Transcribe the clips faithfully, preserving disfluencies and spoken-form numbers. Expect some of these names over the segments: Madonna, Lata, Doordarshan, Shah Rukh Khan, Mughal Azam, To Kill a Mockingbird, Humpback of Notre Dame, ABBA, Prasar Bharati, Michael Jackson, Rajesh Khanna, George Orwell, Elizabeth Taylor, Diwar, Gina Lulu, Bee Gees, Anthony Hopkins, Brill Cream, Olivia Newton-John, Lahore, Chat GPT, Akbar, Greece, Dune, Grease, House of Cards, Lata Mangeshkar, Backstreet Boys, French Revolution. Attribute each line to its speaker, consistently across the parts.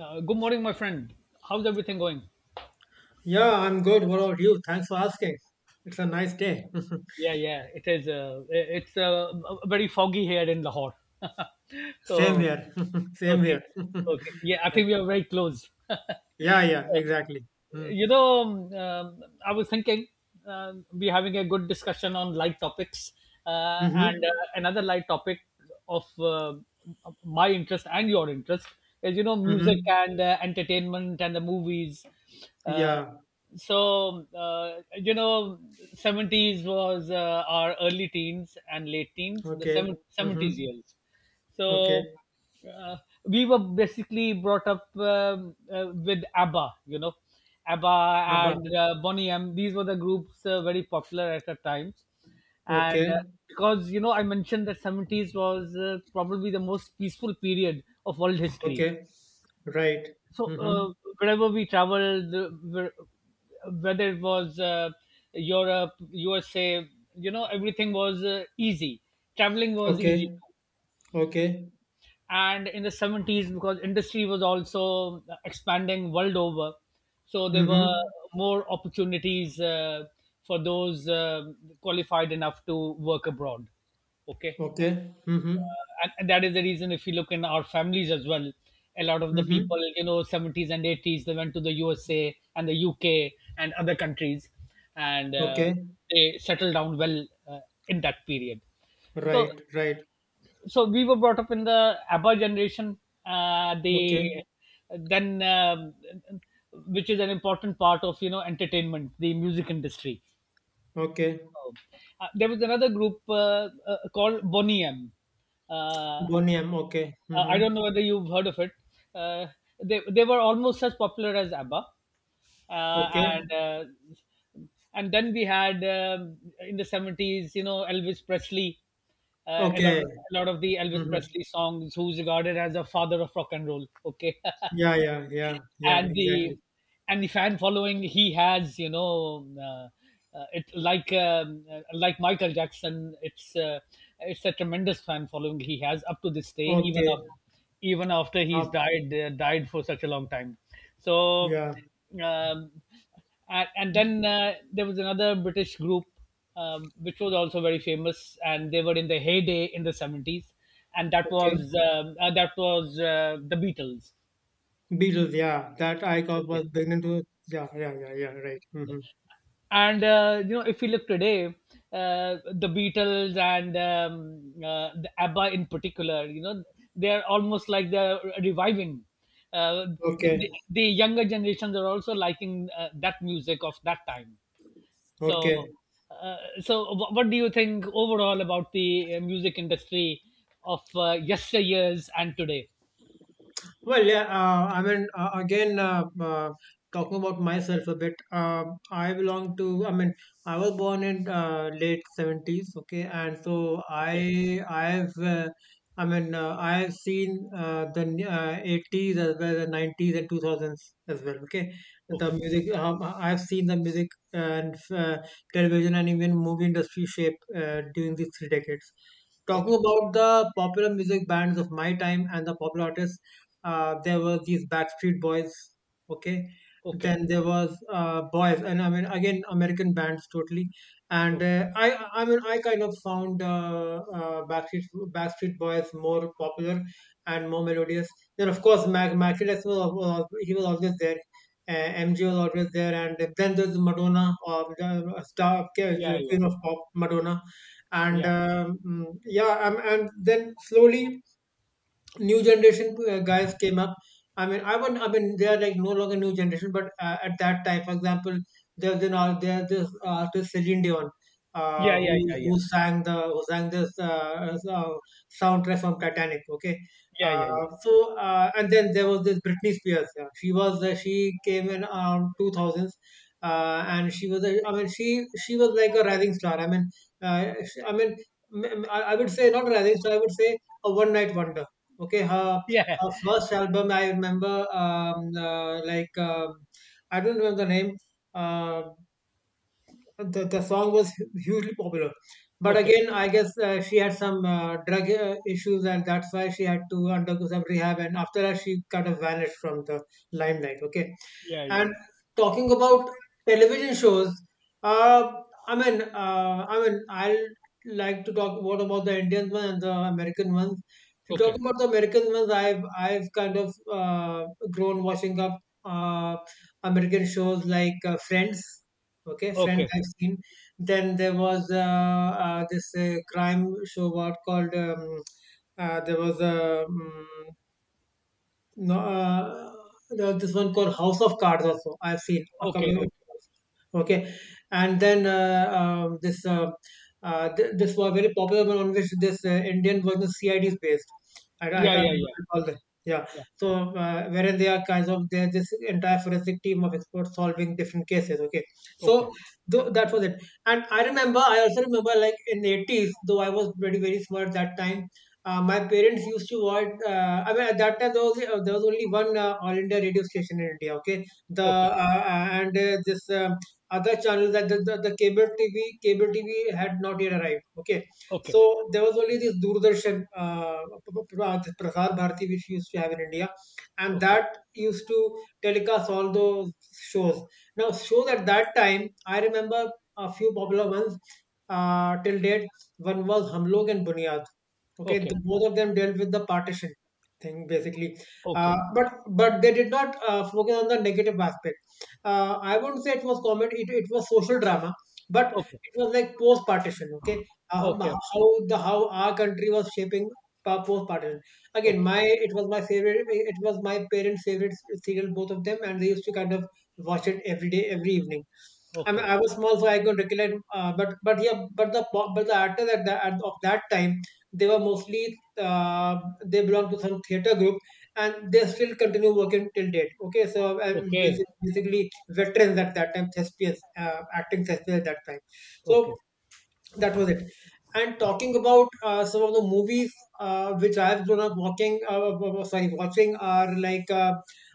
Speaker 1: Uh, good morning, my friend. How's everything going?
Speaker 2: Yeah, I'm good. What about you? Thanks for asking. It's a nice day.
Speaker 1: Yeah, yeah, it is. Uh, it's uh, very foggy here in Lahore.
Speaker 2: Same
Speaker 1: so,
Speaker 2: here. Same
Speaker 1: okay,
Speaker 2: here.
Speaker 1: okay. Yeah, I
Speaker 2: Yeah.
Speaker 1: think we are very close. uh,
Speaker 2: Yeah, yeah, exactly. Mm.
Speaker 1: you know, um, I was thinking uh, we're having a good discussion on light topics, uh, and
Speaker 2: Mm-hmm.
Speaker 1: uh, another light topic of uh, my interest and your interest is you know music
Speaker 2: Mm-hmm.
Speaker 1: and uh, entertainment and the movies. Uh,
Speaker 2: Yeah.
Speaker 1: so uh, you know, seventies was uh, our early teens and late teens, the
Speaker 2: Okay.
Speaker 1: seven- seventies
Speaker 2: Mm-hmm.
Speaker 1: years. So
Speaker 2: Okay.
Speaker 1: uh, we were basically brought up um, uh, with ABBA, you know, ABBA
Speaker 2: Abba.
Speaker 1: and uh, Bonnie M. These were the groups uh, very popular at the times, and
Speaker 2: Okay.
Speaker 1: uh, because you know I mentioned that seventies was uh, probably the most peaceful period of world history.
Speaker 2: Okay. Right.
Speaker 1: So uh,
Speaker 2: Mm-hmm.
Speaker 1: wherever we traveled, uh, where- whether it was uh, Europe, U S A, you know, everything was uh, easy. Traveling was easy,
Speaker 2: Okay. Okay.
Speaker 1: and in the seventies, because industry was also expanding world over, so there were
Speaker 2: Mm-hmm.
Speaker 1: more opportunities uh, for those uh, qualified enough to work abroad. Okay.
Speaker 2: Okay. Mm-hmm.
Speaker 1: And, and that is the reason, if you look in our families as well, a lot of the people,
Speaker 2: Mm-hmm.
Speaker 1: you know seventies and eighties, they went to the USA and the UK and other countries, and uh,
Speaker 2: Okay.
Speaker 1: they settled down well uh, in that period. so
Speaker 2: Right. Right.
Speaker 1: so we were brought up in the ABBA generation. Uh, the
Speaker 2: Okay.
Speaker 1: then, um, which is an important part of you know entertainment, the music industry.
Speaker 2: Okay.
Speaker 1: Um, Uh, there was another group uh, uh, called Boney M. Uh,
Speaker 2: Bonium. Okay.
Speaker 1: uh, I
Speaker 2: Mm-hmm.
Speaker 1: don't know whether you've heard of it. Uh, they they were almost as popular as ABBA. uh,
Speaker 2: Okay.
Speaker 1: and uh, and then we had um in the seventies, you know, Elvis Presley. Uh, a lot, of,
Speaker 2: Okay.
Speaker 1: a lot of the Elvis
Speaker 2: Mm-hmm.
Speaker 1: Presley songs, who's regarded as a father of rock and roll. Okay.
Speaker 2: Yeah, yeah, yeah, yeah,
Speaker 1: and
Speaker 2: exactly.
Speaker 1: the and the fan following he has, you know uh, uh, it, like um, uh, like Michael Jackson, it's uh, it's a tremendous fan following he has up to this day, even
Speaker 2: Okay.
Speaker 1: after even after he's
Speaker 2: Up,
Speaker 1: died, uh, died for such a long time. so
Speaker 2: yeah,
Speaker 1: um, and, and then uh, there was another British group, um, which was also very famous, and they were in the heyday in the seventies. And that was
Speaker 2: okay.
Speaker 1: um, uh, that was uh, the Beatles.
Speaker 2: Beatles, yeah. That I got
Speaker 1: Okay.
Speaker 2: was beginning to yeah, yeah, yeah, yeah, right. Mm-hmm.
Speaker 1: and uh, you know, if we look today, uh, the Beatles and um, uh, the ABBA in particular, you know, they're almost like they're reviving. uh, the,
Speaker 2: Okay,
Speaker 1: the younger generations are also liking uh, that music of that time. so
Speaker 2: okay.
Speaker 1: uh, so wh- what do you think overall about the uh, music industry of uh, yesteryears and today?
Speaker 2: Well, yeah, uh, I mean, uh, again, uh, uh, talking about myself a bit. um, I belong to, I mean, I was born in uh, late seventies, okay, and so I, I've, uh, I mean, uh, I've seen uh, the n- uh, eighties as well, the nineties and two thousands as well, okay. The music, um, I've seen the music and uh, television and even movie industry shape uh, during these three decades. Talking
Speaker 1: Okay,
Speaker 2: about the popular music bands of my time and the popular artists, uh, there were these Backstreet Boys. Okay,
Speaker 1: okay,
Speaker 2: then there was uh, Boys, and I mean again American bands totally. And
Speaker 1: okay,
Speaker 2: uh, I, I mean, I kind of found uh, uh, Backstreet Backstreet Boys more popular and more melodious. Then of course, Mac Maximus was, was he was always there. Uh, M G was always there, and then there's Madonna, or the uh, star
Speaker 1: yeah, yeah,
Speaker 2: Queen of Pop, Madonna. and
Speaker 1: yeah,
Speaker 2: um, mm, yeah, um, and then slowly new generation uh, guys came up. I mean, I wouldn't. I mean, they are like no longer new generation, but uh, at that time, for example, there was an all there this artist Celine Dion, uh,
Speaker 1: yeah,
Speaker 2: who
Speaker 1: yeah, yeah,
Speaker 2: who
Speaker 1: yeah,
Speaker 2: sang the who sang this uh, uh, soundtrack from Titanic. Okay.
Speaker 1: yeah, yeah,
Speaker 2: uh, so uh, and then there was this Britney Spears. Yeah. She was uh, she came in around two thousands. Uh, and she was, a, I mean, she she was like a rising star. I mean, uh, she- I mean, m- m- I I would say not a rising star. I would say a one night wonder. Okay, her
Speaker 1: yeah, yeah,
Speaker 2: her first album I remember. um, uh, like um, I don't remember the name. Uh, the the song was hu- hugely popular, but
Speaker 1: okay,
Speaker 2: again, I guess uh, she had some uh, drug uh, issues, and that's why she had to undergo some rehab. And after that, she kind of vanished from the limelight. Okay,
Speaker 1: yeah, yeah, yeah.
Speaker 2: and talking about television shows, uh, I mean, uh, I mean, I'll like to talk what about the Indian one and the American ones. If you talk
Speaker 1: Okay.
Speaker 2: about the American ones, I've I've kind of uh, grown watching up uh, American shows like uh, Friends. Okay, Friends
Speaker 1: Okay.
Speaker 2: I've seen. Then there was uh, uh, this uh, crime show what called um, uh, there was a no, uh, there's this one called House of Cards also. I've seen a couple
Speaker 1: Okay.
Speaker 2: of
Speaker 1: Okay.
Speaker 2: episodes. Okay, and then uh, um, this uh, uh, th- this was very popular one on which this uh, Indian version C I D is based. I, I
Speaker 1: Yeah.
Speaker 2: can't
Speaker 1: Yeah.
Speaker 2: remember
Speaker 1: Yeah.
Speaker 2: all the yeah.
Speaker 1: Yeah.
Speaker 2: So uh, wherein they are kinds of they this entire forensic team of experts solving different cases. Okay,
Speaker 1: Okay.
Speaker 2: so th- that was it. And I remember I also remember like in eighties, though I was very very small at that time. Uh, my parents used to watch. Uh, I mean, at that time there was uh, there was only one uh, All India radio station in India. Okay. the
Speaker 1: Okay.
Speaker 2: uh, uh, and uh, this um other channel, that the, the, the cable T V, cable T V had not yet arrived. Okay,
Speaker 1: Okay.
Speaker 2: so there was only this Doordarshan. Uh, p- p- p- uh, this Prasar Bharati, which we used to have in India, and
Speaker 1: Okay.
Speaker 2: that used to telecast all those shows. Now, shows at that time, I remember a few popular ones uh, till date. One was Hum Log and Bunyad. Okay,
Speaker 1: Okay.
Speaker 2: the, both of them dealt with the partition thing basically, uh,
Speaker 1: Okay.
Speaker 2: but but they did not uh, focus on the negative aspect. Uh, I won't say it was comedy; it, it was social drama, but
Speaker 1: Okay.
Speaker 2: it was like post partition. Okay, um,
Speaker 1: Okay.
Speaker 2: how the how our country was shaping post partition. Again, my it was my favorite. It was my parents' favorite serial, both of them, and they used to kind of watch it every day, every evening. I mean,
Speaker 1: Okay.
Speaker 2: I was small, so I could recollect. Uh, but but yeah, but the po- but the actors at that at, of that time, they were mostly uh, they belong to some theater group, and they still continue working till date. Okay, so and
Speaker 1: Okay.
Speaker 2: basically, basically veterans at that time, thespians, uh, acting thespians at that time.
Speaker 1: Okay.
Speaker 2: So
Speaker 1: Okay.
Speaker 2: that was it, and talking about uh, some of the movies uh, which I have grown up walking, uh, w- w- sorry, watching, are like. uh,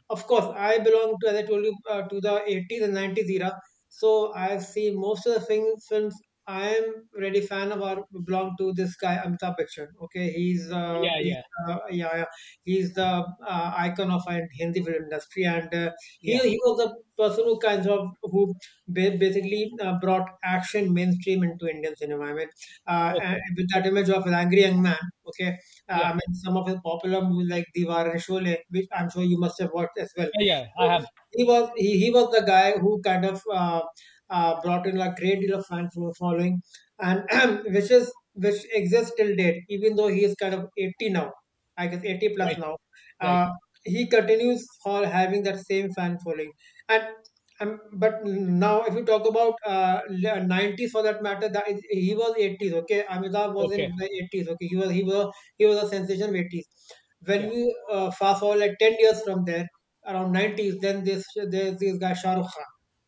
Speaker 2: Of course I belong to, as I told you, uh, to the eighties and nineties era, so I see most of the things films I am really fan of are belong to this guy Amitabh Bachchan. Okay, he's uh,
Speaker 1: Yeah.
Speaker 2: he's
Speaker 1: Yeah.
Speaker 2: uh, yeah, yeah, he's the uh, icon of uh, Hindi film industry, and uh, he
Speaker 1: Yeah.
Speaker 2: he was the person who kind of who ba- basically uh, brought action mainstream into Indian cinema. I mean, uh, and
Speaker 1: Okay.
Speaker 2: with that image of an angry young man, okay, uh,
Speaker 1: Yeah.
Speaker 2: I mean, some of his popular movies like Diwar and Sholay, which I'm sure you must have watched as well.
Speaker 1: Yeah. Yeah. I
Speaker 2: So
Speaker 1: have.
Speaker 2: he was he, he was the guy who kind of uh, uh, brought in a great deal of fan fo- following, and which is which exists till date, even though he is kind of eighty now, I guess eighty plus
Speaker 1: Right.
Speaker 2: now.
Speaker 1: Right.
Speaker 2: Uh, he continues for having that same fan following. And um, but now, if you talk about uh, le- nineties for that matter, that is, he was eighties. Okay, Amitabh was
Speaker 1: Okay.
Speaker 2: in the eighties. Okay, he was he was he was a sensation of eighties. When
Speaker 1: Yeah.
Speaker 2: we uh, fast forward like ten years from there, around nineties, then this there's this guy Shah Rukh Khan.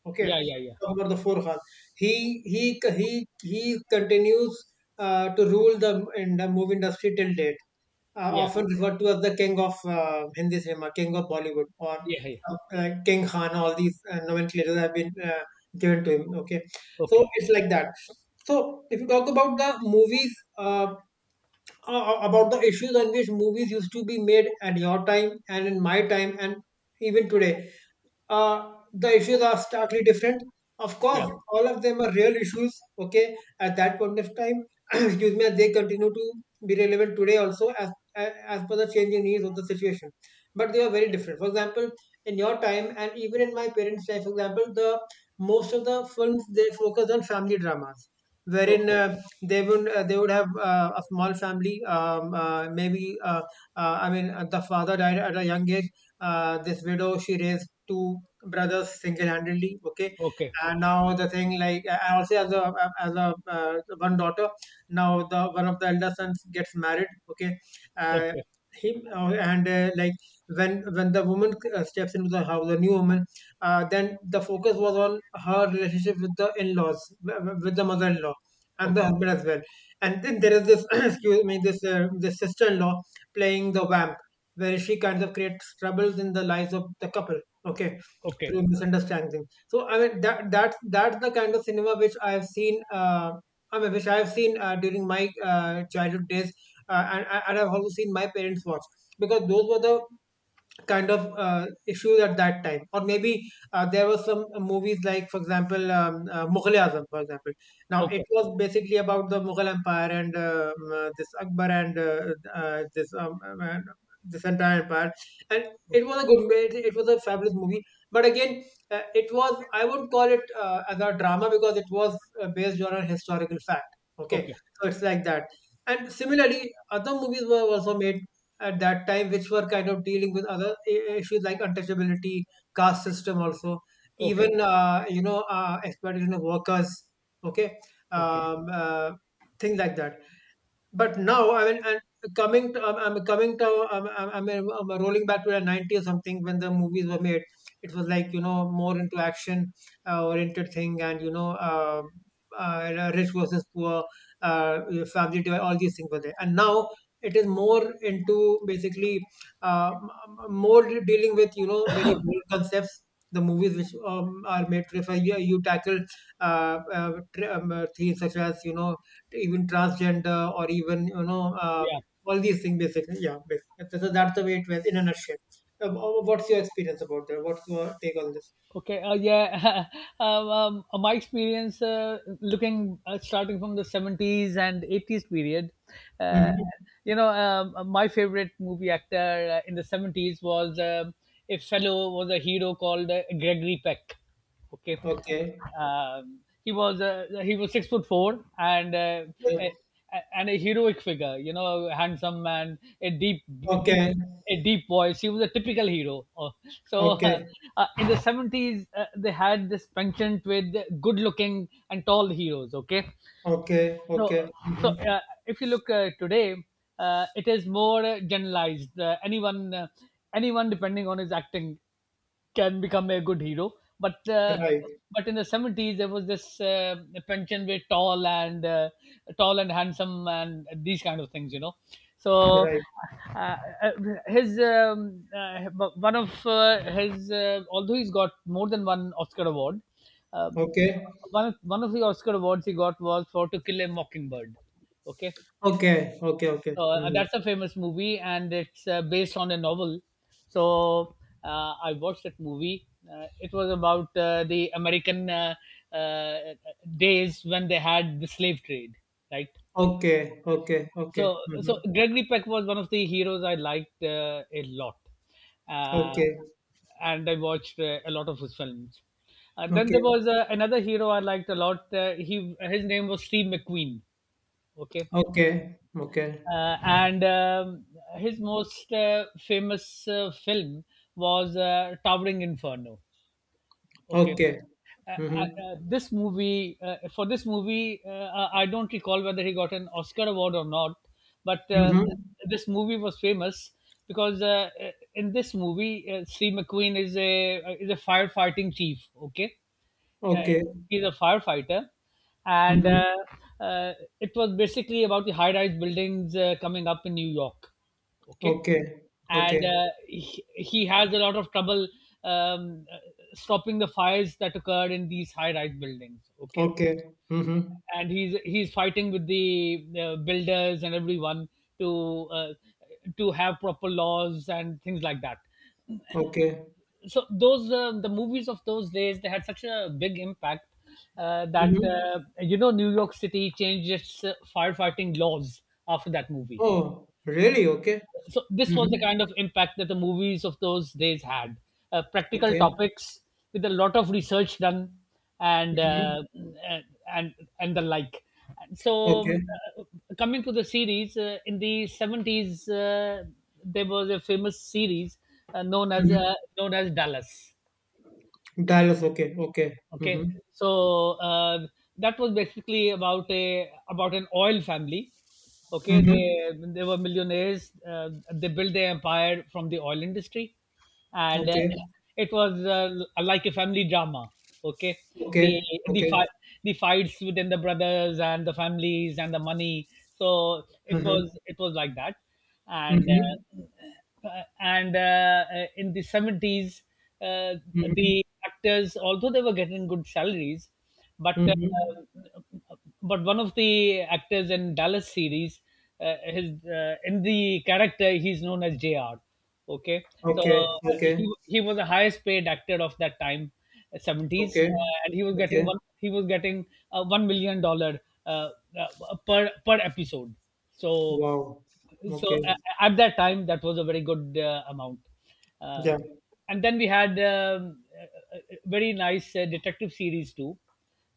Speaker 2: Okay,
Speaker 1: Yeah. Yeah. Yeah.
Speaker 2: talk about the four Khan. He he he he continues uh, to rule the in the movie industry till date, uh,
Speaker 1: Yeah.
Speaker 2: often referred to as the king of uh, Hindi cinema, king of Bollywood, or
Speaker 1: Yeah. Yeah.
Speaker 2: uh, uh, King Khan. All these uh, nomenclatures have been uh, given to him. Okay, so
Speaker 1: Okay.
Speaker 2: it's like that. So if you talk about the movies, uh, uh, uh, about the issues on which movies used to be made at your time and in my time and even today, uh, the issues are starkly different. Of course,
Speaker 1: Yeah.
Speaker 2: all of them are real issues. Okay, at that point of time, excuse me, and they continue to be relevant today also, as as as per the changing needs of the situation. But they are very different. For example, in your time and even in my parents' time, for example, the most of the films they focus on family dramas, wherein
Speaker 1: Okay.
Speaker 2: uh, they would uh, they would have uh, a small family. Um, uh, maybe uh, uh, I mean, uh, the father died at a young age. Uh, this widow, she raised two brothers single-handedly. Okay,
Speaker 1: Okay.
Speaker 2: and now the thing, like I also, as a as a uh, one daughter, now the one of the elder sons gets married. Okay, uh,
Speaker 1: Okay.
Speaker 2: him uh, and uh, like when when the woman uh, steps into the house, the new woman, uh, then the focus was on her relationship with the in-laws, w- w- with the mother-in-law and the
Speaker 1: Okay.
Speaker 2: husband as well. And then there is this excuse me, this uh, this sister-in-law playing the vamp, where she kind of creates troubles in the lives of the couple. Okay,
Speaker 1: Okay.
Speaker 2: through misunderstanding. So I mean, that that's that's the kind of cinema which I have seen. Uh, I mean, which I have seen uh, during my uh, childhood days, uh, and, and I've also seen my parents watch because those were the kind of uh, issues at that time, or maybe uh, there were some movies like, for example, um, uh, mughal azam for example. Now it
Speaker 1: Okay.
Speaker 2: was basically about the Mughal empire and um, uh, this Akbar and uh, uh, this um, um, this entire empire. And it was a good it, it was a fabulous movie, but again, uh, it was, I wouldn't call it uh, as a drama because it was uh, based on a historical fact, okay.
Speaker 1: Okay.
Speaker 2: So it's like that. And similarly, other movies were also made at that time which were kind of dealing with other i- issues like untouchability, caste system also,
Speaker 1: Okay.
Speaker 2: even
Speaker 1: Okay.
Speaker 2: uh, you know uh, exploitation of workers, okay,
Speaker 1: Okay.
Speaker 2: um, uh, things like that. But now, I mean, and coming to, I'm, I'm coming to, I'm, I'm, I'm I'm rolling back to the nineties or something, when the movies were made, it was like, you know, more into action, uh, oriented thing, and, you know, uh, uh, rich versus poor, uh, family divide, all these things were there. And now it is more into basically uh, m- m- more de- dealing with, you know, very broad concepts. The movies which um, are made to refer you, you tackle uh, uh, tr- um, uh, themes such as, you know, even transgender or even, you know, uh,
Speaker 1: Yeah.
Speaker 2: all these things basically, yeah, basically. So that's the way it was, in a nutshell. Uh, what's your experience about that? What's your take on this?
Speaker 1: Okay, uh, yeah. Um, um, my experience, uh, looking, uh, starting from the seventies and eighties period, uh,
Speaker 2: Mhm.
Speaker 1: you know, um, uh, my favorite movie actor uh, in the seventies was um a fellow, was a hero called uh, Gregory Peck. Okay.
Speaker 2: Okay,
Speaker 1: Um, he was uh, he was six foot four, and uh,
Speaker 2: okay,
Speaker 1: a, a- and a heroic figure, you know, handsome man, a deep deep
Speaker 2: okay,
Speaker 1: a deep voice. He was a typical hero, oh, so, uh,
Speaker 2: okay,
Speaker 1: uh, in the seventies, uh, they had this penchant with good-looking and tall heroes. Okay.
Speaker 2: okay,
Speaker 1: so
Speaker 2: okay.
Speaker 1: so
Speaker 2: Hmm.
Speaker 1: uh, if you look uh, today, uh, it is more uh, generalized. Uh, anyone, uh, anyone, depending on his acting, can become a good hero. But uh,
Speaker 2: Right.
Speaker 1: but in the seventies there was this uh, pension with tall and uh, tall and handsome and these kind of things, you know. So
Speaker 2: Right.
Speaker 1: uh, uh, his um, uh, one of uh, his uh, although he's got more than one Oscar award, um,
Speaker 2: Okay,
Speaker 1: one of, one of the Oscar awards he got was for To Kill a Mockingbird. Okay.
Speaker 2: okay, okay, okay.
Speaker 1: So, uh,
Speaker 2: Hmm.
Speaker 1: that's a famous movie, and it's uh, based on a novel. So uh, I watched that movie. Uh, it was about uh, the American uh, uh, days when they had the slave trade, right?
Speaker 2: Okay, okay,
Speaker 1: so
Speaker 2: okay.
Speaker 1: so
Speaker 2: Hmm.
Speaker 1: Gregory Peck was one of the heroes I liked uh, a lot, uh,
Speaker 2: Okay,
Speaker 1: and I watched uh, a lot of his films. Uh, then there
Speaker 2: okay,
Speaker 1: was uh, another hero I liked a lot. uh, he his name was Steve McQueen. Okay.
Speaker 2: okay, okay,
Speaker 1: uh, and um, His most uh, famous uh, film was uh, Towering Inferno. Okay.
Speaker 2: okay.
Speaker 1: Uh, uh,
Speaker 2: Hmm.
Speaker 1: uh, this movie, uh, for this movie, uh, I I don't recall whether he got an Oscar award or not, but uh,
Speaker 2: Hmm.
Speaker 1: this movie was famous because uh, in this movie, uh, Steve McQueen is a is a firefighting chief. Okay. uh,
Speaker 2: Okay.
Speaker 1: he's a firefighter, and
Speaker 2: Hmm.
Speaker 1: uh, uh, it was basically about the high-rise buildings uh, coming up in New York. Okay.
Speaker 2: Okay. Okay.
Speaker 1: And uh, he, he has a lot of trouble um, uh, stopping the fires that occurred in these high-rise buildings. Okay.
Speaker 2: Okay. Mhm.
Speaker 1: And he's he's fighting with the uh, builders and everyone to uh, to have proper laws and things like that.
Speaker 2: Okay.
Speaker 1: So those uh, the movies of those days, they had such a big impact, uh, that
Speaker 2: Mhm.
Speaker 1: uh, you know, New York City changed its uh, firefighting laws after that movie.
Speaker 2: Oh, really? Okay.
Speaker 1: So this was the
Speaker 2: Mhm.
Speaker 1: kind of impact that the movies of those days had. Uh, practical
Speaker 2: Okay.
Speaker 1: topics with a lot of research done, and
Speaker 2: Mhm.
Speaker 1: uh, and and the like. So
Speaker 2: Okay.
Speaker 1: uh, coming to the series uh, in the seventies, uh, there was a famous series uh, known as
Speaker 2: Mhm.
Speaker 1: uh, known as Dallas.
Speaker 2: Dallas. Okay. Okay.
Speaker 1: Okay.
Speaker 2: Mhm.
Speaker 1: So uh, that was basically about a about an oil family. Okay.
Speaker 2: Mhm.
Speaker 1: They they were millionaires. Uh, they built their empire from the oil industry, and uh,
Speaker 2: Okay.
Speaker 1: it was uh, like a family drama. Okay. the
Speaker 2: Okay.
Speaker 1: the
Speaker 2: Okay.
Speaker 1: fight the fights within the brothers and the families and the money. So it
Speaker 2: Mhm.
Speaker 1: was it was like that. and
Speaker 2: Mhm.
Speaker 1: uh, uh, and uh, in the seventies, uh,
Speaker 2: Mhm.
Speaker 1: the actors, although they were getting good salaries, but
Speaker 2: Mhm.
Speaker 1: uh, but one of the actors in Dallas series, uh, his uh, in the character, he's known as Junior Okay. so
Speaker 2: Okay.
Speaker 1: uh,
Speaker 2: Okay.
Speaker 1: he he was the highest paid actor of that time, uh, seventies,
Speaker 2: Okay.
Speaker 1: uh, and he was getting
Speaker 2: Okay.
Speaker 1: one he was getting uh, one million dollar uh, uh, per per episode. So
Speaker 2: Wow.
Speaker 1: so uh,
Speaker 2: Okay.
Speaker 1: at that time that was a very good uh, amount. uh,
Speaker 2: Yeah.
Speaker 1: and then we had um, a a- a very nice uh, detective series too.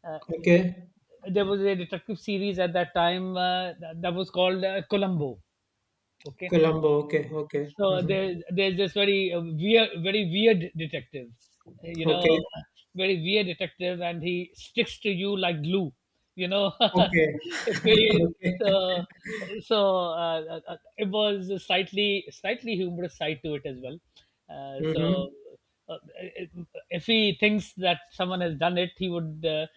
Speaker 1: uh,
Speaker 2: Okay.
Speaker 1: there was a detective series at that time uh, that, that was called uh, Columbo. Okay.
Speaker 2: Colombo. Okay. Okay.
Speaker 1: So
Speaker 2: Mhm.
Speaker 1: there, there's this very uh, weird, very weird detective, you
Speaker 2: Okay.
Speaker 1: know, very weird detective, and he sticks to you like glue, you know.
Speaker 2: Okay.
Speaker 1: if he,
Speaker 2: Okay.
Speaker 1: so, so uh, uh, uh, It was a slightly, slightly humorous side to it as well. Uh,
Speaker 2: Mhm.
Speaker 1: so uh, if he thinks that someone has done it, he would uh,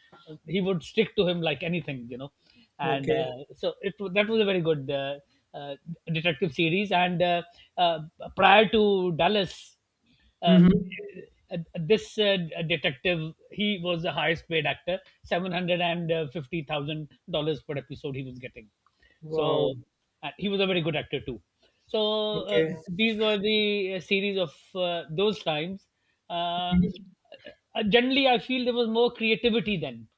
Speaker 1: he would stick to him like anything, you know. And
Speaker 2: Okay.
Speaker 1: uh, so it wa- that was a very good uh, uh, detective series. And uh, uh, prior to Dallas, uh,
Speaker 2: Mhm.
Speaker 1: uh, this uh, detective, he was the highest paid actor, seven hundred and fifty thousand dollars per episode he was getting.
Speaker 2: Wow.
Speaker 1: So, and he was a very good actor too. So uh,
Speaker 2: Okay.
Speaker 1: these were the uh, series of uh, those times. Uh, uh,
Speaker 2: Mhm.
Speaker 1: Generally, I feel there was more creativity then.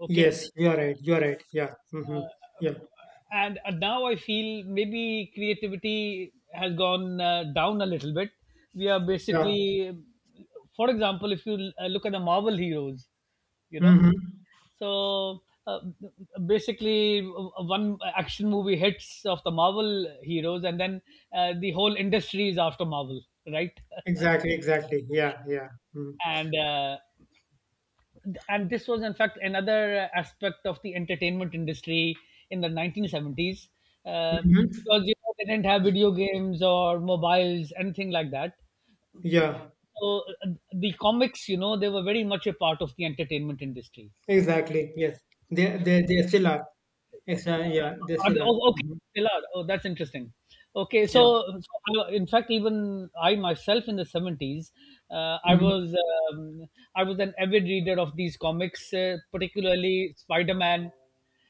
Speaker 1: Okay.
Speaker 2: Yes, you are right. You are right. Yeah. Mm-hmm.
Speaker 1: uh,
Speaker 2: Yeah.
Speaker 1: and uh, now I feel maybe creativity has gone uh, down a little bit. We are
Speaker 2: Yeah.
Speaker 1: basically, for example, if you uh, look at the Marvel heroes, you know,
Speaker 2: Mm-hmm.
Speaker 1: so uh, basically, uh, one action movie hits of the Marvel heroes, and then uh, the whole industry is after Marvel, right?
Speaker 2: Exactly. Exactly. Yeah. Yeah. Mm-hmm.
Speaker 1: and uh, and this was in fact another aspect of the entertainment industry in the nineteen seventies, uh,
Speaker 2: Mm-hmm.
Speaker 1: because you know, they didn't have video games or mobiles, anything like that.
Speaker 2: Yeah.
Speaker 1: So uh, the comics, you know, they were very much a part of the entertainment industry.
Speaker 2: Exactly. Yes. They they they still are. Extra. Yeah. They
Speaker 1: Are they-
Speaker 2: still are.
Speaker 1: Oh, okay,
Speaker 2: Mm-hmm.
Speaker 1: they are. Oh, that's interesting. Okay, so,
Speaker 2: Yeah.
Speaker 1: so I- in fact, even I myself in the seventies, uh, I
Speaker 2: Mm-hmm.
Speaker 1: was um, I was an avid reader of these comics, uh, particularly Spider Man,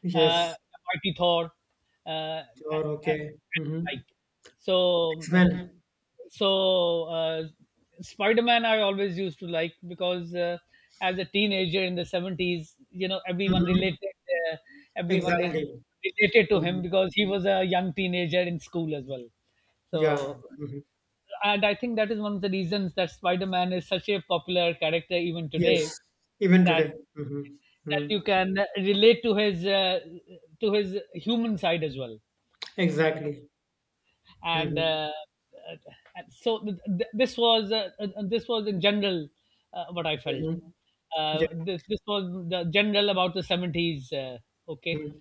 Speaker 2: Yes.
Speaker 1: uh, Mighty Thor, uh, and,
Speaker 2: Sure.
Speaker 1: and,
Speaker 2: Okay. Mm-hmm.
Speaker 1: right. So,
Speaker 2: X-Men.
Speaker 1: so uh, Spider-Man I always used to like because uh, as a teenager in the seventies, you know, everyone
Speaker 2: Mm-hmm.
Speaker 1: related, uh, everyone re-
Speaker 2: Exactly.
Speaker 1: related to
Speaker 2: Mm-hmm.
Speaker 1: him because he was a young teenager in school as well.
Speaker 2: Yeah.
Speaker 1: So,
Speaker 2: Mm-hmm.
Speaker 1: and I think that is one of the reasons that Spider-Man is such a popular character even today
Speaker 2: Yes. Even
Speaker 1: that
Speaker 2: today. Mm-hmm.
Speaker 1: that
Speaker 2: Mm-hmm.
Speaker 1: you can relate to his uh, to his human side as well
Speaker 2: Exactly.
Speaker 1: and
Speaker 2: Mm-hmm.
Speaker 1: uh, uh, and so th- th- this was uh, uh, uh, this was in general, uh, what I felt.
Speaker 2: Mm-hmm. Yeah.
Speaker 1: Uh, this, this was the general about the seventies. Uh, okay,
Speaker 2: Mm-hmm.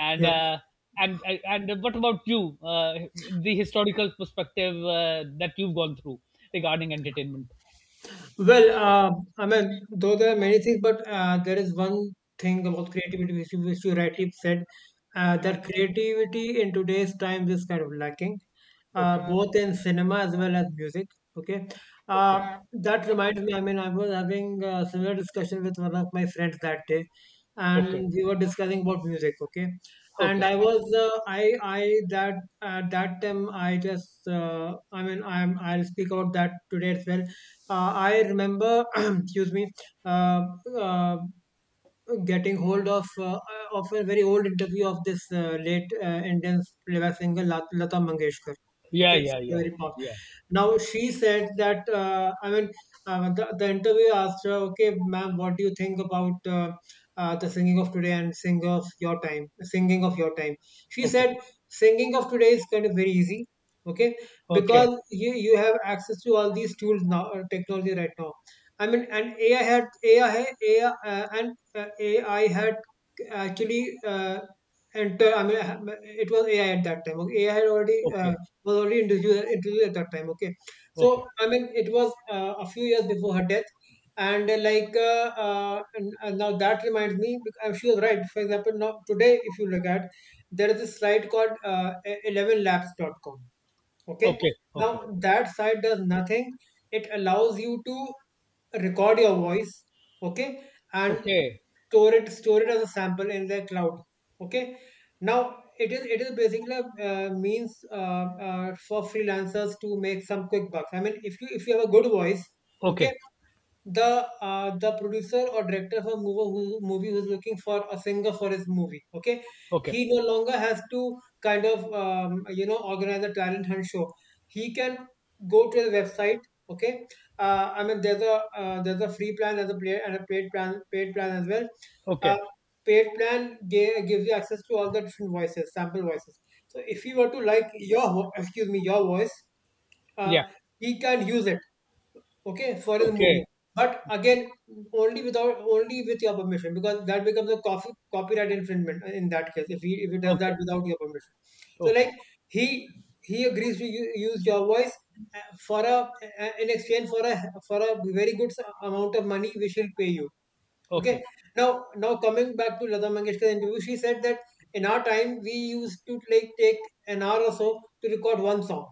Speaker 1: and
Speaker 2: Yeah.
Speaker 1: uh, and uh, and what about you? Uh, the historical perspective, uh, that you've gone through regarding entertainment.
Speaker 2: Well, uh, I mean, though there are many things, but uh, there is one thing about creativity which you, which you rightly said, uh, that creativity in today's time is kind of lacking, uh,
Speaker 1: Okay,
Speaker 2: both in cinema as well as music. Okay, uh,
Speaker 1: okay,
Speaker 2: that reminds me. I mean, I was having a similar discussion with one of my friends that day,
Speaker 1: okay,
Speaker 2: and we were discussing about music. Okay, and
Speaker 1: okay.
Speaker 2: I was uh, I I that at that time I just uh, I mean I'm I'll speak about that today as well. Uh, I remember, excuse me, uh, uh, getting hold of uh, uh, of a very old interview of this uh, late uh, Indian playback singer Lat- Lata Mangeshkar.
Speaker 1: Yeah,
Speaker 2: Okay, it's
Speaker 1: yeah, yeah,
Speaker 2: very powerful.
Speaker 1: yeah.
Speaker 2: Now she said that uh, I mean uh, the the interview asked her, okay, ma'am, what do you think about uh, uh, the singing of today and sing of your time, singing of your time? She
Speaker 1: Okay,
Speaker 2: said singing of today is kind of very easy. Okay,
Speaker 1: okay,
Speaker 2: because you, you have access to all these tools now, uh, technology right now. I mean, and AI had AI, had AI uh, and uh, AI had actually uh, enter. I mean, ha- it was A I at that time. Okay, A I had already
Speaker 1: okay,
Speaker 2: uh, was already introduced introduced at that time. Okay,
Speaker 1: okay,
Speaker 2: so I mean, it was uh, a few years before her death, and uh, like uh, uh, and, and now that reminds me. bec- uh, She was right. For example, now today, if you look at, there is a site called uh, eleven labs dot com. Okay.
Speaker 1: okay,
Speaker 2: Now
Speaker 1: okay,
Speaker 2: that side does nothing. It allows you to record your voice. Okay. And
Speaker 1: okay.
Speaker 2: store it, store it as a sample in the cloud. Okay. Now it is, it is basically uh, means uh, uh, for freelancers to make some quick bucks. I mean, if you if you have a good voice, okay,
Speaker 1: Okay,
Speaker 2: the uh, the producer or director of a movie who, movie who's looking for a singer for his movie, okay,
Speaker 1: okay,
Speaker 2: he no longer has to kind of um, you know, organize a talent hunt show. He can go to the website, okay. Uh, i mean there's a uh, there's a free plan as a player and a paid plan paid plan as well.
Speaker 1: okay,
Speaker 2: uh, Paid plan ga- gives you access to all the different voices, sample voices. So if you were to like your vo- excuse me your voice, uh,
Speaker 1: yeah,
Speaker 2: he can use it, okay, for the movie.
Speaker 1: okay,
Speaker 2: But again, only without only with your permission, because that becomes a coffee, copyright infringement in that case if he, if he does that
Speaker 1: okay,
Speaker 2: without your permission. So
Speaker 1: okay,
Speaker 2: like he he agrees to u- use your voice uh, for a uh, in exchange for a, for a very good amount of money which he'll pay you.
Speaker 1: okay,
Speaker 2: Okay. Now, now coming back to Lata Mangeshkar's interview, she said that in our time we used to like take an hour or so to record one song.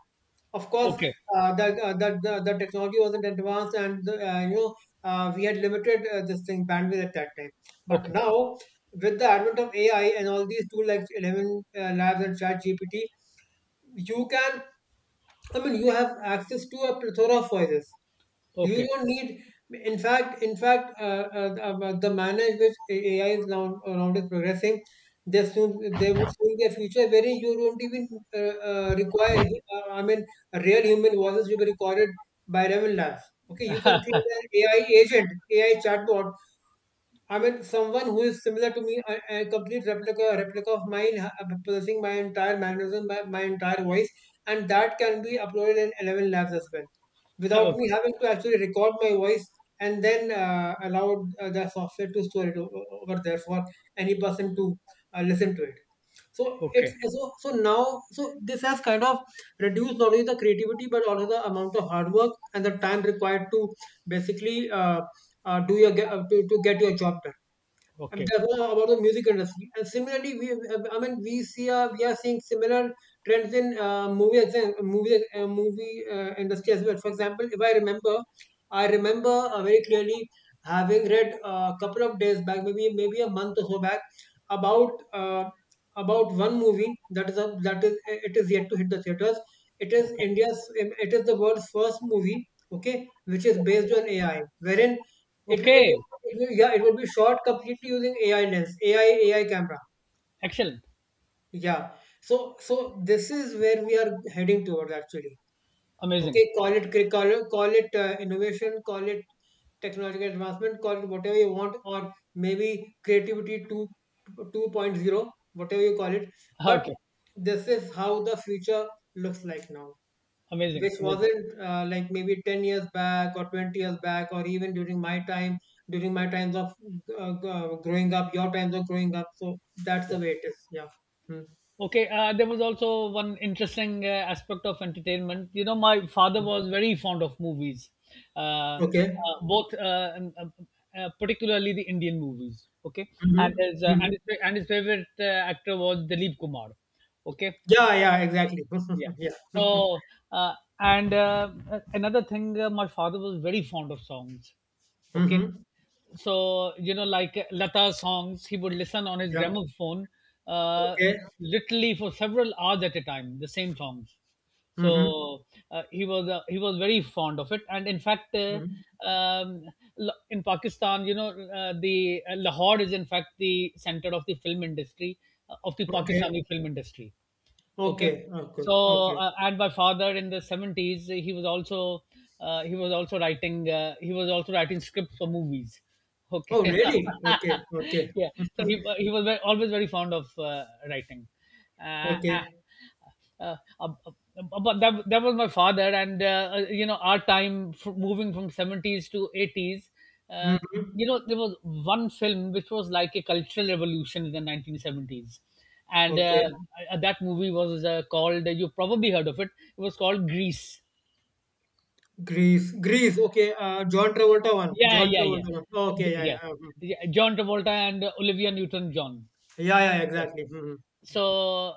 Speaker 2: Of course,
Speaker 1: okay,
Speaker 2: uh, the, uh, the, the the technology wasn't advanced, and the, uh, you know, uh, we had limited uh, this thing bandwidth at that time. But
Speaker 1: okay,
Speaker 2: now, with the advent of A I and all these tools like Eleven uh, Labs and Chat G P T, you can, I mean, you have access to a plethora of voices. You
Speaker 1: okay.
Speaker 2: don't need, in fact, in fact, uh, uh, uh, the manner in which A- AI is now around is progressing, they soon they would soon be a future wherein you don't even uh, uh, require, uh, I mean, real human voices to be recorded by Raven Labs. Okay, you can create an A I agent, A I chatbot. I mean, someone who is similar to me, a, a complete replica, replica of mine, ha- possessing my entire mannerism, my, my entire voice, and that can be uploaded in eleven labs as well, without me
Speaker 1: Okay,
Speaker 2: having to actually record my voice and then uh, allow uh, the software to store it o- o- over there for any person to uh, listen to it. So it's,
Speaker 1: okay,
Speaker 2: so so now so this has kind of reduced not only the creativity but also the amount of hard work and the time required to basically uh, uh, do your ge- uh, to, to get your job done. And
Speaker 1: okay,
Speaker 2: that's all about the music industry. And similarly, we, uh, I mean we see uh, we are seeing similar trends in uh, movie exam, movie uh, movie uh, industry as well. For example, if I remember, I remember uh, very clearly having read uh, a couple of days back, maybe, maybe a month or so back, about uh, about one movie that is a, that is, uh, it is yet to hit the theaters. It is
Speaker 1: okay,
Speaker 2: India's it is the world's first movie, okay, which is based on A I, wherein it, wi- it,
Speaker 1: okay,
Speaker 2: it will, yeah, it will be shot completely using A I lens, A I, A I camera.
Speaker 1: excellent,
Speaker 2: Yeah. So, so this is where we are heading towards actually.
Speaker 1: amazing.
Speaker 2: Okay. Call it, cri- call it, call it uh, innovation, call it technological advancement, call it whatever you want, or maybe creativity two, 2.0, whatever you call it. But
Speaker 1: Okay,
Speaker 2: this is how the future looks like now,
Speaker 1: amazing,
Speaker 2: which
Speaker 1: amazing,
Speaker 2: wasn't uh, like maybe ten years back or twenty years back, or even during my time, during my times of uh, g- uh, growing up, your times of growing up. So that's the
Speaker 1: yeah.
Speaker 2: way it is, yeah. Mm.
Speaker 1: Okay, uh, there was also one interesting uh, aspect of entertainment. You know, my father
Speaker 2: Mm.
Speaker 1: was very fond of movies, uh, uh,
Speaker 2: Okay.
Speaker 1: both, uh, um, um, uh, particularly the Indian movies. Okay, and
Speaker 2: Mm-hmm.
Speaker 1: his uh,
Speaker 2: Mm-hmm.
Speaker 1: and his, and his favorite uh, actor was Dilip Kumar. Okay,
Speaker 2: Yeah, yeah, exactly.
Speaker 1: yeah.
Speaker 2: Yeah.
Speaker 1: So, uh, and uh, another thing, uh, my father was very fond of songs. Okay.
Speaker 2: Mm-hmm.
Speaker 1: So, you know, like, uh, Lata songs, he would listen on his
Speaker 2: Yeah.
Speaker 1: gramophone, uh,
Speaker 2: Okay.
Speaker 1: literally for several hours at a time, the same songs.
Speaker 2: Mm-hmm.
Speaker 1: So, uh, he was uh, he was very fond of it, and in fact, uh,
Speaker 2: Mm-hmm.
Speaker 1: um, L- in Pakistan, you know, uh, the uh, Lahore is in fact the center of the film industry, uh, of the
Speaker 2: Okay.
Speaker 1: Pakistani film industry. Okay,
Speaker 2: Okay. Okay.
Speaker 1: so,
Speaker 2: Okay.
Speaker 1: uh, and my father in the seventies, he was also uh, he was also writing uh, he was also writing scripts for movies.
Speaker 2: Oh,
Speaker 1: Okay.
Speaker 2: really? Okay. Okay.
Speaker 1: Yeah, so he, he was ve- always very fond of uh, writing, uh,
Speaker 2: Okay.
Speaker 1: uh, uh, ab- ab- but that, that was my father. And uh, uh, you know, our time, f- moving from seventies to eighties, uh,
Speaker 2: Mm-hmm.
Speaker 1: you know, there was one film which was like a cultural revolution in the nineteen seventies, and
Speaker 2: Okay.
Speaker 1: uh, uh, that movie was uh, called, you probably heard of it, it was called Grease.
Speaker 2: Greece, Greece. Okay, uh, John Travolta one.
Speaker 1: Yeah,
Speaker 2: John
Speaker 1: yeah, yeah.
Speaker 2: Travolta one. Okay,
Speaker 1: J-
Speaker 2: yeah,
Speaker 1: yeah,
Speaker 2: yeah, mhm.
Speaker 1: yeah. John Travolta and uh, Olivia newton john
Speaker 2: Yeah, yeah,
Speaker 1: okay,
Speaker 2: exactly. Mhm,
Speaker 1: so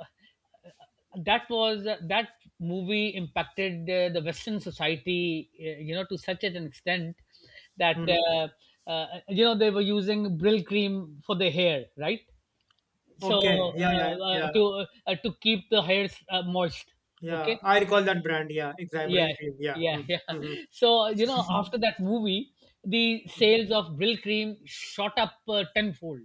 Speaker 1: that was that, movie impacted uh, the Western society, uh, you know, to such an extent that,
Speaker 2: mhm.
Speaker 1: uh, uh, you know, they were using Brill Cream for their hair, right? So,
Speaker 2: Okay, yeah, yeah,
Speaker 1: uh, uh,
Speaker 2: yeah,
Speaker 1: to uh, to keep the hairs, uh, moist.
Speaker 2: yeah.
Speaker 1: Okay.
Speaker 2: I recall that brand. Yeah, exactly. Brill
Speaker 1: Yeah,
Speaker 2: Cream. Yeah.
Speaker 1: yeah.
Speaker 2: Mhm,
Speaker 1: Yeah,
Speaker 2: mhm.
Speaker 1: so, you know, after that movie the sales of Brill Cream shot up, uh, tenfold.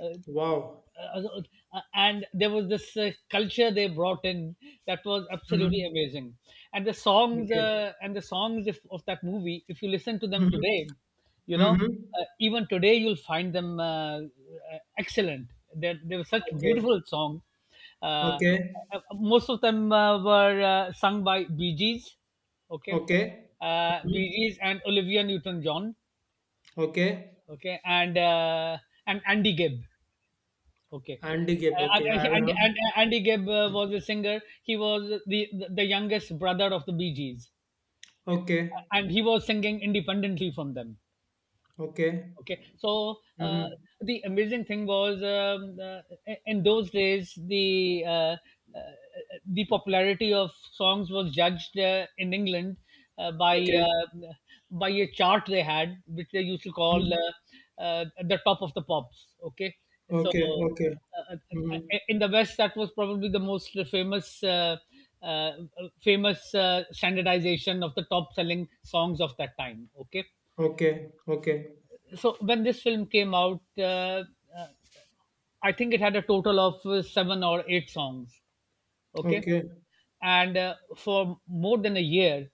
Speaker 1: uh,
Speaker 2: Wow.
Speaker 1: uh, uh, uh, and there was this uh, culture they brought in that was absolutely
Speaker 2: Mhm.
Speaker 1: amazing, and the songs,
Speaker 2: Okay.
Speaker 1: uh, and the songs if, of that movie, if you listen to them
Speaker 2: Mhm,
Speaker 1: today, you know,
Speaker 2: mhm.
Speaker 1: uh, even today you'll find them, uh, uh, excellent, they they were such
Speaker 2: Okay.
Speaker 1: beautiful songs. Uh,
Speaker 2: Okay.
Speaker 1: uh, Most of them uh, were uh, sung by Bee Gees. Okay.
Speaker 2: Okay.
Speaker 1: uh, Bee
Speaker 2: Mhm.
Speaker 1: Gees and Olivia Newton-John.
Speaker 2: Okay.
Speaker 1: Okay, and uh, and Andy Gibb. Okay.
Speaker 2: Andy Gap.
Speaker 1: And,
Speaker 2: Okay, I will
Speaker 1: and, and
Speaker 2: have.
Speaker 1: Andy Gibb uh, was a singer. He was the, the youngest brother of the Bee Gees.
Speaker 2: Okay.
Speaker 1: And he was singing independently from them.
Speaker 2: Okay.
Speaker 1: Okay, so, uh,
Speaker 2: Mhm.
Speaker 1: the amazing thing was, um, uh, in those days the uh, uh, the popularity of songs was judged, uh, in England, uh, by
Speaker 2: Okay.
Speaker 1: uh, by a chart they had, which they used to call,
Speaker 2: Mhm.
Speaker 1: uh, uh, the top of the pops. Okay, so,
Speaker 2: Okay. Okay.
Speaker 1: uh, uh,
Speaker 2: Mhm.
Speaker 1: uh, in the West, that was probably the most famous. Uh, uh, famous uh, standardization of the top selling songs of that time. Okay,
Speaker 2: Okay. Okay.
Speaker 1: so when this film came out, uh, uh, I think it had a total of uh, seven or eight songs. Okay,
Speaker 2: Okay.
Speaker 1: and uh, for more than a year,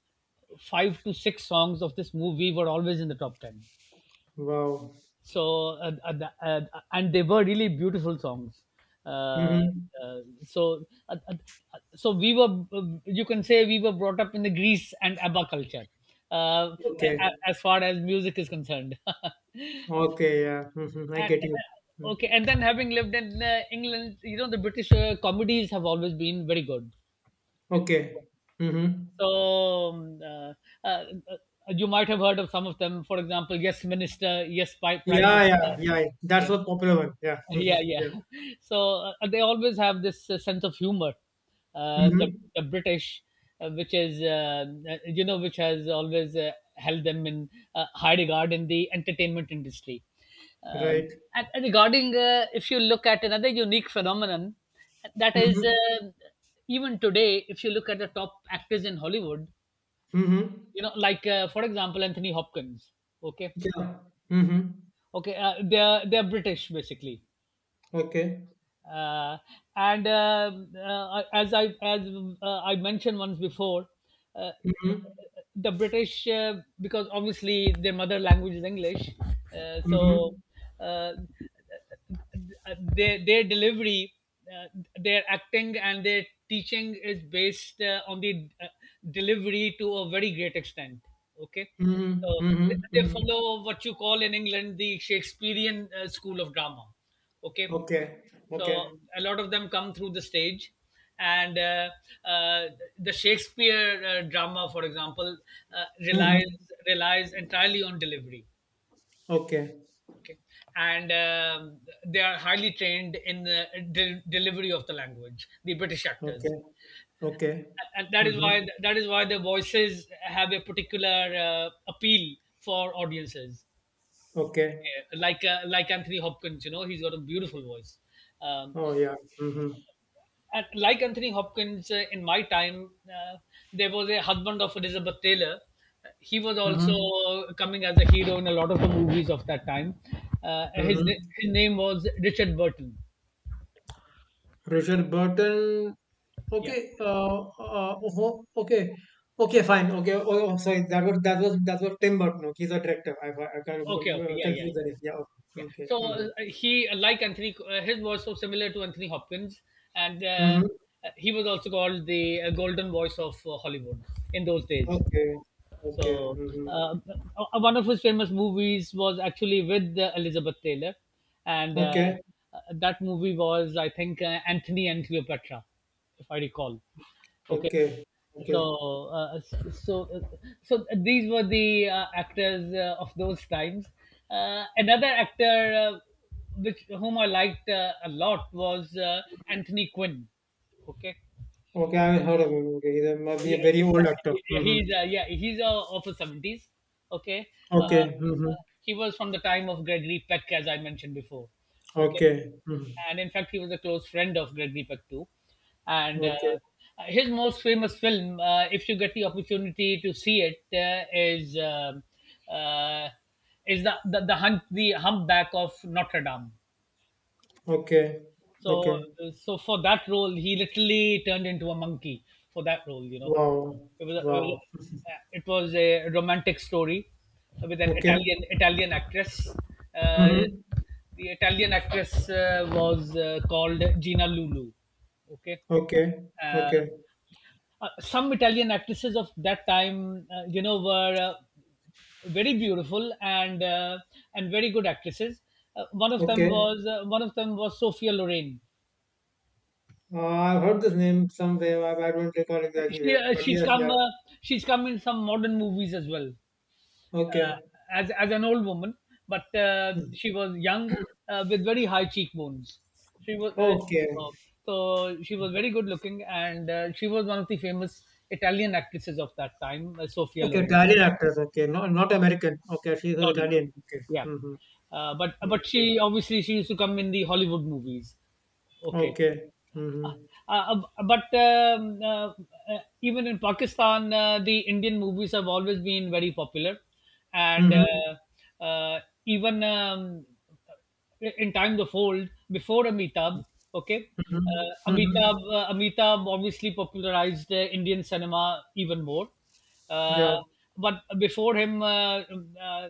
Speaker 1: five to six songs of this movie were always in the top ten.
Speaker 2: Wow.
Speaker 1: So, uh, uh, the- uh, and they were really beautiful songs. Uh,
Speaker 2: Mm-hmm.
Speaker 1: uh, so uh, uh, so we were uh, You can say we were brought up in the Greece and ABBA culture, uh, a-
Speaker 2: Okay.
Speaker 1: a- as far as music is concerned.
Speaker 2: Okay. Yeah. Mm-hmm. I
Speaker 1: And,
Speaker 2: get you.
Speaker 1: uh, uh,
Speaker 2: Mm.
Speaker 1: okay, and then having lived in uh, England, you know the British uh, comedies have always been very good.
Speaker 2: Okay. Mm-hmm.
Speaker 1: So, um, uh, uh, uh, you might have heard of some of them. For example, Yes Minister, Yes, Pi- Prime
Speaker 2: Yeah.
Speaker 1: Minister.
Speaker 2: Yeah. Yeah. Yeah. That's
Speaker 1: Yeah,
Speaker 2: the popular one. Yeah. Mm-hmm.
Speaker 1: yeah, yeah.
Speaker 2: Yeah.
Speaker 1: So, uh, they always have this uh, sense of humor, uh, the,
Speaker 2: Mm-hmm.
Speaker 1: the British, uh, which is, uh, uh, you know, which has always uh, held them in uh, high regard in the entertainment industry. um,
Speaker 2: Right.
Speaker 1: and, and regarding, uh, if you look at another unique phenomenon, that is,
Speaker 2: Mm-hmm.
Speaker 1: uh, even today if you look at the top actors in Hollywood,
Speaker 2: Mm-hmm.
Speaker 1: you know, like, uh, for example, Anthony Hopkins. Okay.
Speaker 2: Yeah. Mm-hmm.
Speaker 1: Okay. uh, they're they're British basically.
Speaker 2: Okay.
Speaker 1: uh, and um uh, as I as uh, I mentioned once before, uh,
Speaker 2: Mm-hmm.
Speaker 1: the British, uh, because obviously their mother language is English, uh,
Speaker 2: Mm-hmm.
Speaker 1: so uh, their their delivery, uh, their acting and their teaching is based uh, on the, uh, delivery to a very great extent. Okay.
Speaker 2: Mm-hmm.
Speaker 1: So
Speaker 2: Mm-hmm.
Speaker 1: they they
Speaker 2: Mm-hmm.
Speaker 1: follow what you call in England the Shakespearean uh, school of drama. Okay,
Speaker 2: Okay.
Speaker 1: so
Speaker 2: Okay.
Speaker 1: a lot of them come through the stage, and uh, uh, the Shakespeare uh, drama, for example, uh,
Speaker 2: Mm-hmm.
Speaker 1: relies relies entirely on delivery.
Speaker 2: Okay.
Speaker 1: Okay, and um, they are highly trained in the del- delivery of the language, the British actors,
Speaker 2: Okay. Okay.
Speaker 1: and that is
Speaker 2: Mm-hmm.
Speaker 1: why that is why their voices have a particular uh, appeal for audiences.
Speaker 2: Okay.
Speaker 1: Okay. Like uh, like Anthony Hopkins, you know, he's got a beautiful voice. um,
Speaker 2: Oh yeah. Mm-hmm.
Speaker 1: at, like Anthony Hopkins, uh, in my time, uh, there was a husband of Elizabeth Taylor. He was
Speaker 2: Mm-hmm.
Speaker 1: also coming as a hero in a lot of the movies of that time. Uh, his na-
Speaker 2: Mm-hmm.
Speaker 1: his name was Richard Burton.
Speaker 2: Richard Burton.
Speaker 1: Yeah.
Speaker 2: Okay. Uh, uh, uh, oh, okay. Okay, fine. Okay. Oh, oh, sorry. That was that was that was Tim Burton. Okay, he's a director. I I I kind of
Speaker 1: Okay. Okay.
Speaker 2: uh,
Speaker 1: Yeah. Yeah. Yeah.
Speaker 2: confused the name. Yeah. Okay.
Speaker 1: Yeah.
Speaker 2: Okay.
Speaker 1: So,
Speaker 2: Mm-hmm.
Speaker 1: uh, he, like Anthony, uh, his was so similar to Anthony Hopkins, and uh,
Speaker 2: Mm-hmm.
Speaker 1: he was also called the uh, golden voice of uh, Hollywood in those days.
Speaker 2: Okay. Okay.
Speaker 1: So,
Speaker 2: Mm-hmm.
Speaker 1: uh, uh, one of his famous movies was actually with uh, Elizabeth Taylor, and uh,
Speaker 2: Okay.
Speaker 1: uh, that movie was, I think, uh, Anthony and Cleopatra, if I recall. Okay,
Speaker 2: Okay.
Speaker 1: so
Speaker 2: Okay.
Speaker 1: uh, so so these were the uh, actors uh, of those times. Uh, another actor, uh, which whom I liked uh, a lot, was uh, Anthony Quinn. Okay.
Speaker 2: Okay. I haven't heard of him. Okay. He
Speaker 1: Oh,
Speaker 2: must be a
Speaker 1: yeah,
Speaker 2: very
Speaker 1: he-
Speaker 2: old
Speaker 1: yeah,
Speaker 2: actor.
Speaker 1: he- yeah,
Speaker 2: Mm-hmm.
Speaker 1: he's uh, yeah, he's uh, of the seventies. Okay, uh,
Speaker 2: Okay. Mm-hmm.
Speaker 1: uh, he was from the time of Gregory Peck, as I mentioned before. Okay,
Speaker 2: Okay. Mm-hmm.
Speaker 1: and in fact, he was a close friend of Gregory Peck too. And, uh,
Speaker 2: Okay.
Speaker 1: his most famous film, uh, if you get the opportunity to see it, uh, is, um uh, is the, the the hunt the humpback of Notre Dame.
Speaker 2: Okay.
Speaker 1: So,
Speaker 2: Okay.
Speaker 1: uh, so for that role, he literally turned into a monkey for that role. You know,
Speaker 2: Wow.
Speaker 1: it was a, it was
Speaker 2: Wow.
Speaker 1: a, uh, it was a romantic story with an
Speaker 2: Okay.
Speaker 1: Italian Italian actress. Uh,
Speaker 2: Mm-hmm.
Speaker 1: the Italian actress uh, was uh, called Gina Lulu. Okay,
Speaker 2: Okay,
Speaker 1: uh,
Speaker 2: okay,
Speaker 1: uh, some Italian actresses of that time, uh, you know, were, uh, very beautiful, and uh, and very good actresses. Uh, one of them
Speaker 2: okay.
Speaker 1: was uh, one of them was Sophia Loren.
Speaker 2: Uh, I've heard this name somewhere. I, I don't recall exactly
Speaker 1: She
Speaker 2: where,
Speaker 1: uh,
Speaker 2: but
Speaker 1: she's
Speaker 2: yes, yeah.
Speaker 1: come uh, she's come in some modern movies as well, uh,
Speaker 2: Okay.
Speaker 1: as as an old woman, but, uh,
Speaker 2: Hmm.
Speaker 1: she was young, uh, with very high cheekbones. She was uh,
Speaker 2: Okay,
Speaker 1: so, so she was very good looking, and uh, she was one of the famous Italian actresses of that time, uh, Sophia
Speaker 2: okay.
Speaker 1: Loren.
Speaker 2: Italian actress. Okay, not not American. Okay, she's an
Speaker 1: No, no, no.
Speaker 2: Italian. Okay.
Speaker 1: Yeah,
Speaker 2: Mm-hmm.
Speaker 1: uh, but but
Speaker 2: Okay.
Speaker 1: she, obviously, she used to come in the Hollywood movies. Okay,
Speaker 2: Okay.
Speaker 1: uh,
Speaker 2: Mm-hmm.
Speaker 1: uh, but, um, uh, uh, even in Pakistan, uh, the Indian movies have always been very popular, and
Speaker 2: Mm-hmm.
Speaker 1: uh, uh, even, um, in Time the Fold before Amitabh, okay,
Speaker 2: Mm-hmm.
Speaker 1: uh,
Speaker 2: Mm-hmm.
Speaker 1: Amitabh uh, Amitabh obviously popularized uh, Indian cinema even more, uh,
Speaker 2: Yeah.
Speaker 1: but before him, uh, uh,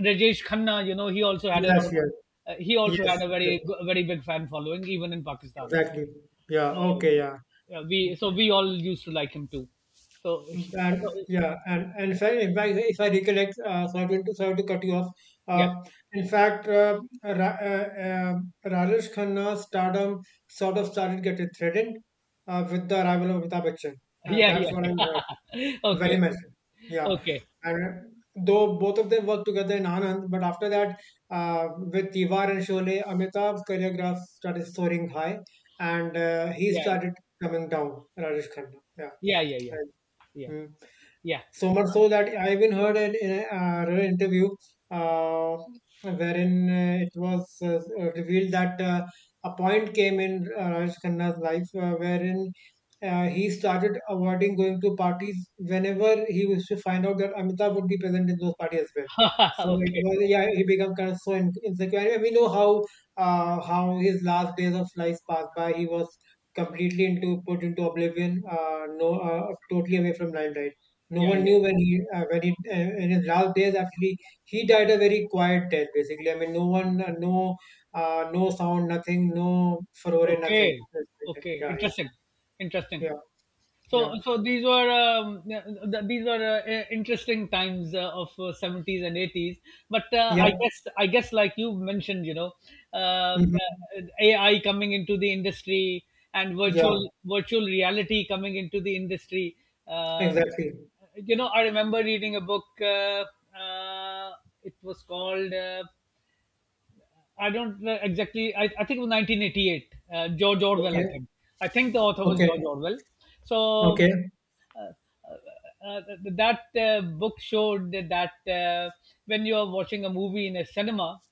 Speaker 1: Rajesh Khanna, you know, he also had a lot
Speaker 2: Yes.
Speaker 1: of.
Speaker 2: Yes.
Speaker 1: Uh, he also
Speaker 2: Yes.
Speaker 1: had a
Speaker 2: Yes.
Speaker 1: very go- very big fan following, even in Pakistan.
Speaker 2: Exactly. Yeah.
Speaker 1: So,
Speaker 2: Okay. Yeah.
Speaker 1: yeah, we so we all used to like him too. So,
Speaker 2: And
Speaker 1: so
Speaker 2: yeah, and and if I, if I, if I recollect, uh, sorry to, sorry to cut you off. Uh,
Speaker 1: yeah.
Speaker 2: in fact, uh, Ra, uh, uh, Rajesh Khanna's stardom sort of started getting threatened uh, with the arrival of Amitabh Bachchan. Uh,
Speaker 1: Yeah,
Speaker 2: that's
Speaker 1: yeah,
Speaker 2: what I
Speaker 1: yeah.
Speaker 2: heard very
Speaker 1: Okay,
Speaker 2: much, so. Yeah,
Speaker 1: okay,
Speaker 2: and uh, though both of them worked together in Anand, but after that, uh, with Tiwar and Sholay, Amitabh's choreograph started soaring high, and uh, he
Speaker 1: yeah,
Speaker 2: started coming down. Rajesh Khanna. Yeah.
Speaker 1: yeah, yeah, yeah, yeah,
Speaker 2: Right.
Speaker 1: yeah.
Speaker 2: So much so that I even heard an in a- uh, an interview uh, wherein uh, it was uh, revealed that uh, a point came in uh, Raj Khanna's life uh, wherein uh, he started avoiding going to parties whenever he used to find out that Amitabh would be present in those parties as well. So it
Speaker 1: Okay,
Speaker 2: was, yeah, he became kind of so in- insecure, and we know how uh, how his last days of life passed by. He was completely into put into oblivion, uh, no uh, totally away from limelight. No
Speaker 1: yeah,
Speaker 2: one
Speaker 1: yeah.
Speaker 2: knew when he, uh, when he uh, in his last days. Actually, he died a very quiet death. Basically, I mean, no one, uh, no, uh, no sound, nothing, no furore, nothing.
Speaker 1: Okay, okay.
Speaker 2: Yeah, yeah,
Speaker 1: Interesting, interesting.
Speaker 2: yeah,
Speaker 1: So,
Speaker 2: yeah,
Speaker 1: so these were um, th- these were, uh, i- interesting times uh, of uh, seventies and eighties. But, uh,
Speaker 2: yeah.
Speaker 1: I guess, I guess like you mentioned, you know, um,
Speaker 2: Hmm.
Speaker 1: uh, A I coming into the industry and
Speaker 2: Yeah,
Speaker 1: virtual virtual reality coming into the industry. Uh,
Speaker 2: exactly.
Speaker 1: you know, I remember reading a book. Uh, uh, it was called. Uh, I don't know exactly. I, I think it was nineteen eighty-eight. Uh, George Orwell, I
Speaker 2: Okay,
Speaker 1: think. I think the author was
Speaker 2: okay,
Speaker 1: George Orwell. So,
Speaker 2: okay.
Speaker 1: uh, uh, uh, uh, that uh, book showed that, uh, when you are watching a movie in a cinema,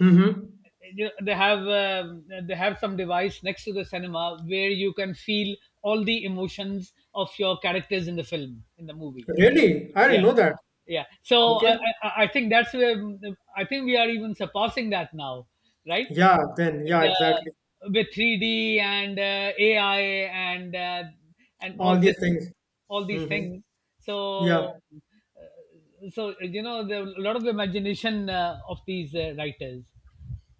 Speaker 2: Mm-hmm.
Speaker 1: you, they have uh, they have some device next to the cinema where you can feel all the emotions of your characters in the film in the movie.
Speaker 2: Really, I didn't
Speaker 1: Yeah,
Speaker 2: know that.
Speaker 1: yeah, so, I,
Speaker 2: Okay.
Speaker 1: I I I think that's where, I think, we are even surpassing that now, right?
Speaker 2: Yeah. Then. Yeah.
Speaker 1: the
Speaker 2: Exactly.
Speaker 1: With three d and uh, A I, and uh, and
Speaker 2: All
Speaker 1: all this
Speaker 2: these things.
Speaker 1: all these
Speaker 2: Mm-hmm.
Speaker 1: things.
Speaker 2: Yeah.
Speaker 1: So so you know, the, a lot of imagination uh, of these uh, writers.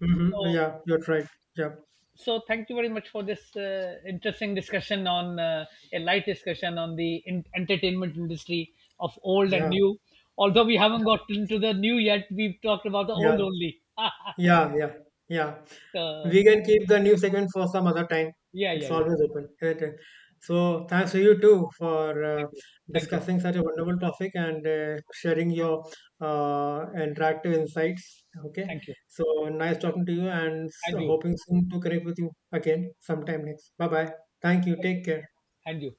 Speaker 2: Mm-hmm.
Speaker 1: so
Speaker 2: Yeah. You're right. Yeah.
Speaker 1: so thank you very much for this uh, interesting discussion on, uh, a light discussion on the in- entertainment industry of old and
Speaker 2: Yeah.
Speaker 1: new. Although we haven't
Speaker 2: Yeah.
Speaker 1: got into the new yet, we've talked about the old
Speaker 2: Yeah.
Speaker 1: only.
Speaker 2: Yeah. Yeah. Yeah.
Speaker 1: So,
Speaker 2: We can keep the new segment for some other time.
Speaker 1: yeah,
Speaker 2: It's
Speaker 1: yeah, yeah.
Speaker 2: always open, isn't it? So thanks to you too for uh,
Speaker 1: Thank you, thank you,
Speaker 2: discussing such a wonderful topic and uh, sharing your uh, interactive insights. Okay,
Speaker 1: thank you,
Speaker 2: so nice talking to you, and s-
Speaker 1: and you.
Speaker 2: hoping soon to connect with you again sometime next. Bye bye. Thank you.
Speaker 1: Thank you,
Speaker 2: Take care.
Speaker 1: and you.